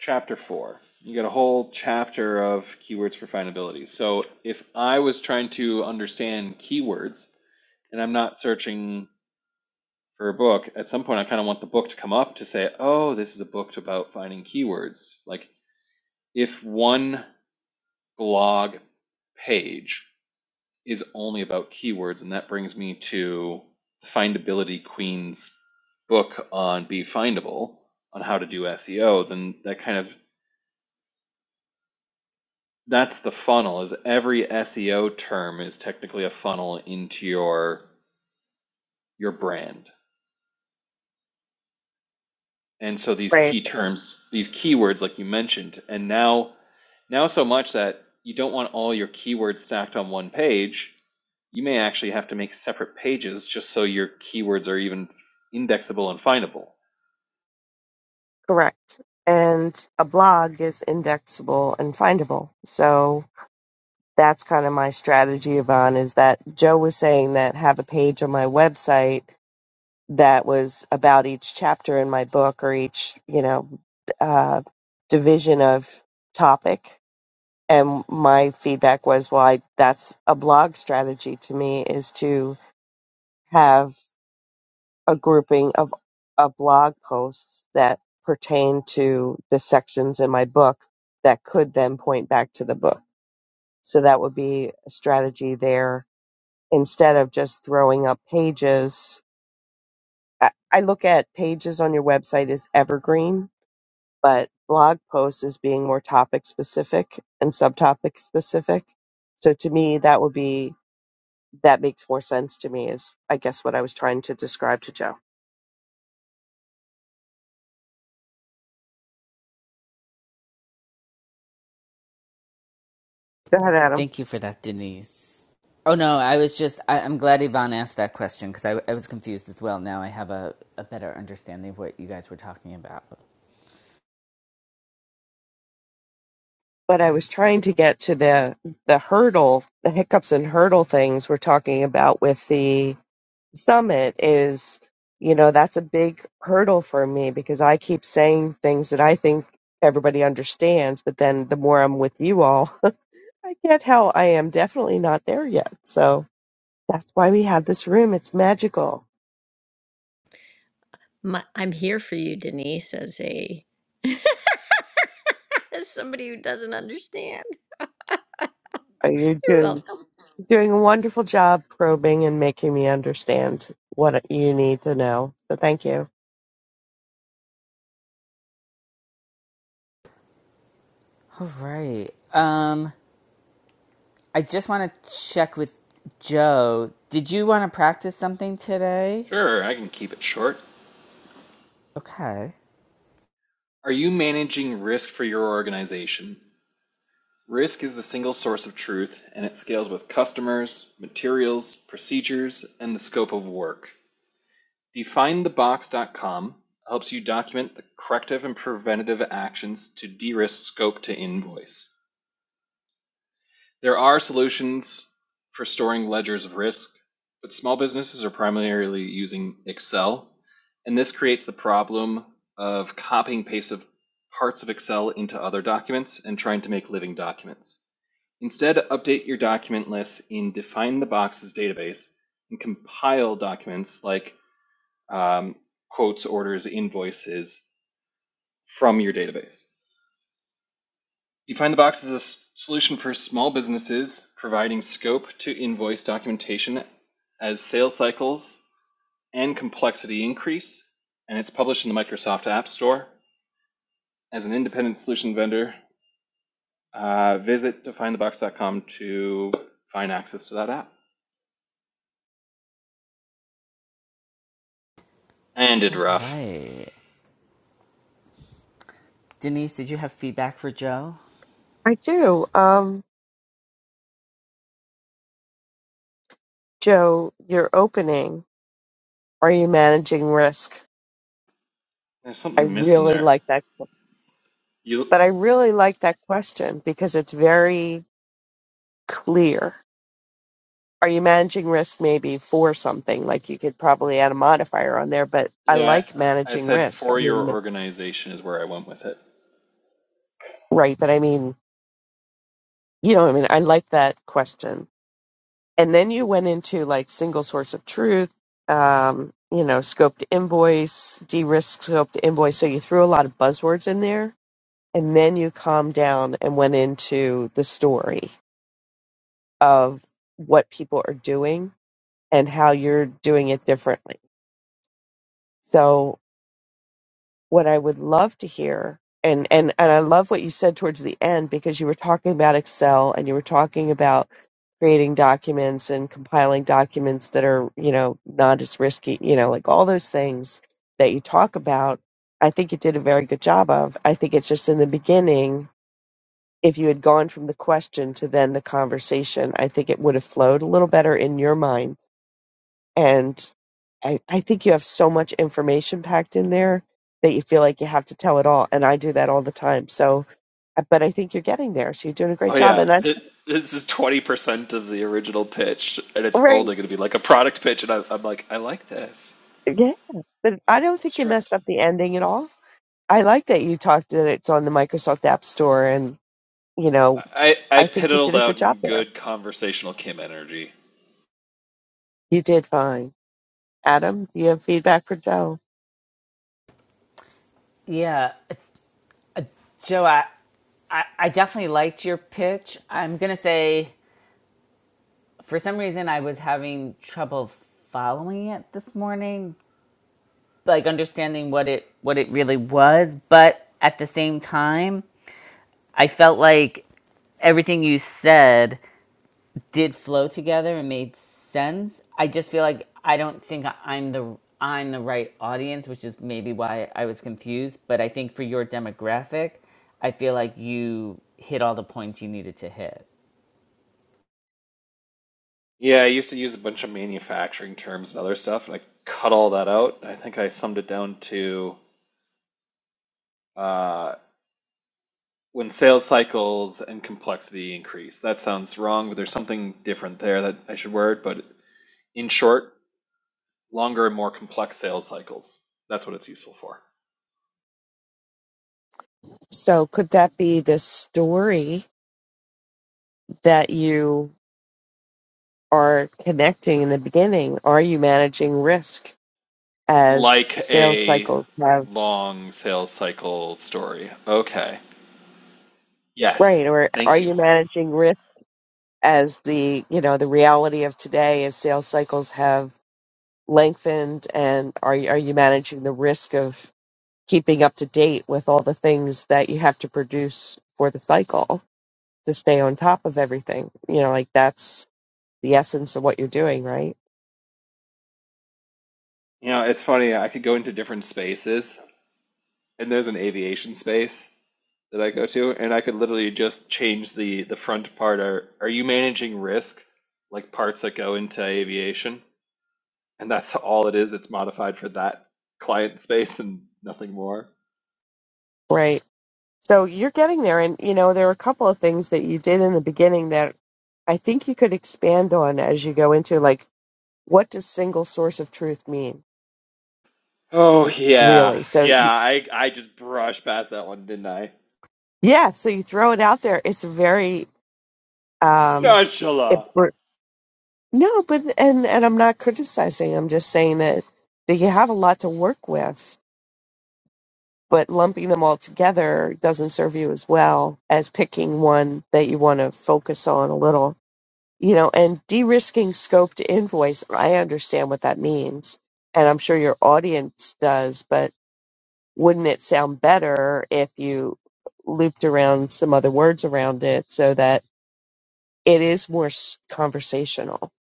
Speaker 3: chapter four. You get a whole chapter of keywords for findability. So if I was trying to understand keywords, and I'm not searching for a book, at some point I kind of want the book to come up to say, oh, this is a book about finding keywords. Like if one blog page is only about keywords, and that brings me to Findability Queen's book on Be Findable on how to do SEO, then that kind of that's the funnel is every SEO term is technically a funnel into your your brand. And so these
Speaker 2: Right.
Speaker 3: key terms, these keywords like you mentioned, and now now so much that you don't want all your keywords stacked on one page you may actually have to make separate pages just so your keywords are even indexable and findable.
Speaker 2: Correct. And a blog is indexable and findable. So that's kind of my strategy, Yvonne, is that Joe was saying that have a page on my website that was about each chapter in my book or each, you know, uh, division of topic. And my feedback was, well, I, that's a blog strategy to me is to have a grouping of, of blog posts that pertain to the sections in my book that could then point back to the book. So that would be a strategy there instead of just throwing up pages. I, I look at pages on your website as evergreen, but blog posts as being more topic specific and subtopic specific. So to me, that would be, that makes more sense to me is, I guess, what I was trying to describe to Joe. Go ahead, Adam.
Speaker 1: Thank you for that, Denise. Oh no, I was just I, I'm glad Yvonne asked that question because I, I was confused as well. Now I have a, a better understanding of what you guys were talking about.
Speaker 2: but I was trying to get to the the hurdle, the hiccups and hurdle things we're talking about with the summit is, you know, that's a big hurdle for me because I keep saying things that I think everybody understands, but then the more I'm with you all, I get how I am definitely not there yet. So that's why we have this room. It's magical.
Speaker 4: My, I'm here for you, Denise, as a as somebody who doesn't understand.
Speaker 2: Are you
Speaker 4: You're
Speaker 2: doing
Speaker 4: welcome.
Speaker 2: doing a wonderful job probing and making me understand what you need to know? So thank you.
Speaker 1: All right. Um I just want to check with Joe. Did you want to practice something today?
Speaker 3: Sure, I can keep it short.
Speaker 1: Okay.
Speaker 3: Are you managing risk for your organization? Risk is the single source of truth, and it scales with customers, materials, procedures, and the scope of work. DefineTheBox.com helps you document the corrective and preventative actions to de risk scope to invoice. There are solutions for storing ledgers of risk, but small businesses are primarily using Excel, and this creates the problem of copying paste of parts of Excel into other documents and trying to make living documents. Instead, update your document list in Define the Boxes database and compile documents like um, quotes, orders, invoices from your database. DefineTheBox is a solution for small businesses providing scope to invoice documentation as sales cycles and complexity increase, and it's published in the Microsoft App Store. As an independent solution vendor, uh, visit define the box dot com to find access to that app. And did
Speaker 1: All
Speaker 3: rough.
Speaker 1: right. Denise, did you have feedback for Joe?
Speaker 2: I do. Um, Joe, your opening, are you managing risk?
Speaker 3: There's
Speaker 2: I
Speaker 3: something missing
Speaker 2: really
Speaker 3: there.
Speaker 2: like that.
Speaker 3: You,
Speaker 2: But I really like that question because it's very clear. Are you managing risk maybe for something? Like you could probably add a modifier on there, but I
Speaker 3: yeah,
Speaker 2: like
Speaker 3: I
Speaker 2: managing
Speaker 3: said
Speaker 2: risk. I
Speaker 3: for your
Speaker 2: mean,
Speaker 3: organization is where I went with it.
Speaker 2: right. But I mean, you know, what I mean, I like that question. And then you went into like single source of truth, um, you know, scoped invoice, de risk scoped invoice. So you threw a lot of buzzwords in there and then you calmed down and went into the story of what people are doing and how you're doing it differently. So what I would love to hear and, and, and I love what you said towards the end because you were talking about Excel and you were talking about creating documents and compiling documents that are, you know, not as risky, you know, like all those things that you talk about. I think you did a very good job of. I think it's just in the beginning if you had gone from the question to then the conversation, I think it would have flowed a little better in your mind. And I, I think you have so much information packed in there that you feel like you have to tell it all. And I do that all the time. So, uh, but I think you're getting there. So you're doing a great
Speaker 3: Oh
Speaker 2: job.
Speaker 3: yeah,
Speaker 2: And I,
Speaker 3: Th- this is twenty percent of the original pitch, and it's
Speaker 2: right.
Speaker 3: only going to be like a product pitch. And I, I'm like, I like this.
Speaker 2: Yeah. But I don't
Speaker 3: It's
Speaker 2: think you messed
Speaker 3: stripped.
Speaker 2: up the ending at all. I like that you talked that it's on the Microsoft App Store. And, you know,
Speaker 3: I I
Speaker 2: I think you did
Speaker 3: piddled
Speaker 2: a
Speaker 3: out
Speaker 2: good job
Speaker 3: in
Speaker 2: there.
Speaker 3: good conversational Kim energy.
Speaker 2: You did fine. Adam, do you have feedback for Joe?
Speaker 1: Yeah, Joe, I, I, I definitely liked your pitch. I'm going to say, for some reason, I was having trouble following it this morning, like understanding what it what it really was. But at the same time, I felt like everything you said did flow together and made sense. I just feel like I don't think I- am the I'm the right audience, which is maybe why I was confused. But I think for your demographic, I feel like you hit all the points you needed to hit.
Speaker 3: Yeah, I used to use a bunch of manufacturing terms and other stuff, and I cut all that out. I think I summed it down to uh, when sales cycles and complexity increase. That sounds wrong, but there's something different there that I should word. But in short, longer and more complex sales cycles. That's what it's useful for.
Speaker 2: So could that be this story that you are connecting in the beginning? Are you managing risk as
Speaker 3: Like
Speaker 2: sales
Speaker 3: a
Speaker 2: cycles have
Speaker 3: long sales cycle story. Okay.
Speaker 2: right,
Speaker 3: Yes.
Speaker 2: or are
Speaker 3: Thank you.
Speaker 2: you managing risk as the you know the reality of today as sales cycles have lengthened, and are you, are you managing the risk of keeping up to date with all the things that you have to produce for the cycle to stay on top of everything? You know, like that's the essence of what you're doing, right?
Speaker 3: You know, it's funny. I could go into different spaces, and there's an aviation space that I go to, and I could literally just change the the front part. Are Are you managing risk, like parts that go into aviation? And that's all it is. It's modified for that client space and nothing more.
Speaker 2: Right. So you're getting there, and you know there are a couple of things that you did in the beginning that I think you could expand on as you go into like what does single source of truth mean
Speaker 3: Oh yeah,
Speaker 2: really? So
Speaker 3: yeah. I I just brushed past that one, didn't I?
Speaker 2: yeah, so you throw it out there. It's very um, it,
Speaker 3: Nonchalant.
Speaker 2: br- no, but and and I'm not criticizing. I'm just saying that that you have a lot to work with, but lumping them all together doesn't serve you as well as picking one that you want to focus on a little you know, and de-risking scope to invoice, I understand what that means, and I'm sure your audience does, but wouldn't it sound better if you looped around some other words around it so that it is more s- conversational?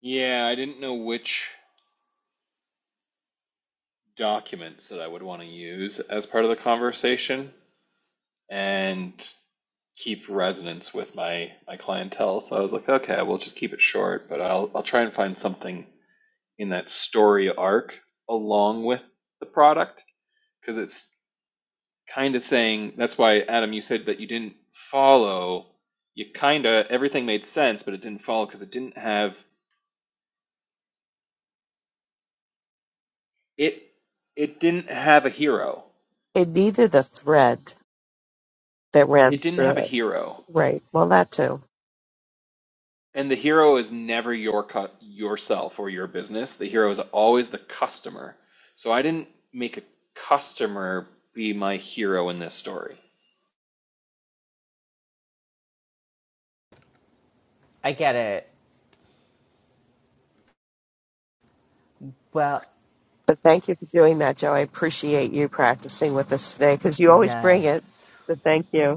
Speaker 3: Yeah, I didn't know which documents that I would want to use as part of the conversation and keep resonance with my my clientele. So I was like, okay, we'll just keep it short, but I'll I'll try and find something in that story arc along with the product because it's kind of saying that's why Adam you said that you didn't follow you kind of everything made sense, but it didn't follow because it didn't have it it didn't have a hero.
Speaker 2: It needed a thread that ran
Speaker 3: It didn't have a
Speaker 2: through it.
Speaker 3: hero
Speaker 2: Right. Well, that too.
Speaker 3: And the hero is never your cu- yourself or your business. The hero is always the customer. So I didn't make a customer be my hero in this story.
Speaker 1: I get it. Well,
Speaker 2: But thank you for doing that, Joe. I appreciate you practicing with us today because you always bring it.
Speaker 1: yes.
Speaker 2: So thank you.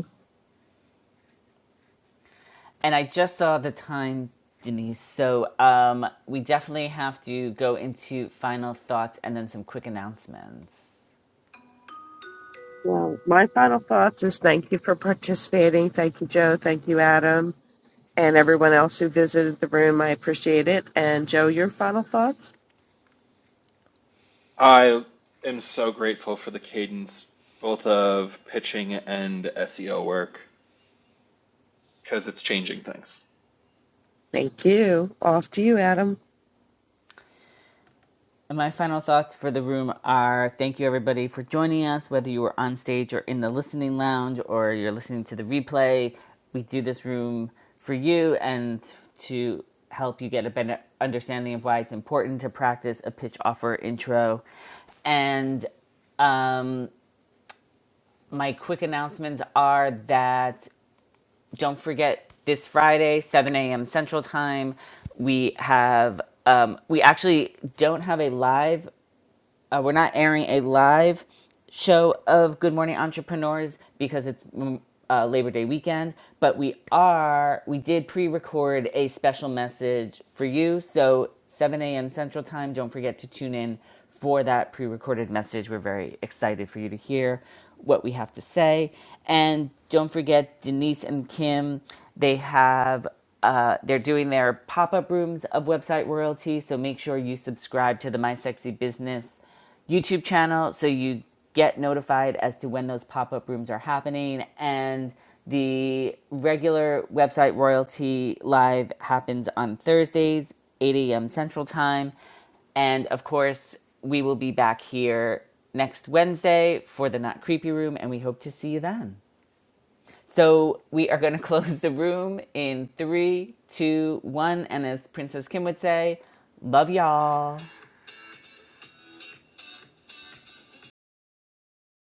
Speaker 1: And I just saw the time, Denise. So um, we definitely have to go into final thoughts and then some quick announcements.
Speaker 2: Well, my final thoughts is thank you for participating. Thank you, Joe. Thank you, Adam, and everyone else who visited the room. I appreciate it. And Joe, your final thoughts?
Speaker 3: I am so grateful for the cadence both of pitching and SEO work because it's changing things.
Speaker 2: Thank you. Off to you, Adam.
Speaker 1: And my final thoughts for the room are thank you everybody for joining us, whether you were on stage or in the listening lounge or you're listening to the replay. We do this room for you and to help you get a better understanding of why it's important to practice a pitch offer intro. And um, my quick announcements are that don't forget this Friday, 7 a.m. Central Time, we have um, we actually don't have a live Uh, we're not airing a live show of Good Morning Entrepreneurs because it's mm, uh, Labor Day weekend, but we are, we did pre record a special message for you. So, 7 a.m. Central Time, don't forget to tune in for that pre recorded message. We're very excited for you to hear what we have to say. And don't forget, Denise and Kim, they have uh, they're doing their pop-up rooms of website royalty so make sure you subscribe to the my sexy business YouTube channel so you get notified as to when those pop up rooms are happening. And the regular website Royalty Live happens on Thursdays, 8 a.m. Central Time. And of course, we will be back here next Wednesday for the Not Creepy Room, and we hope to see you then. So we are going to close the room in three, two, one. And as Princess Kim would say, love y'all.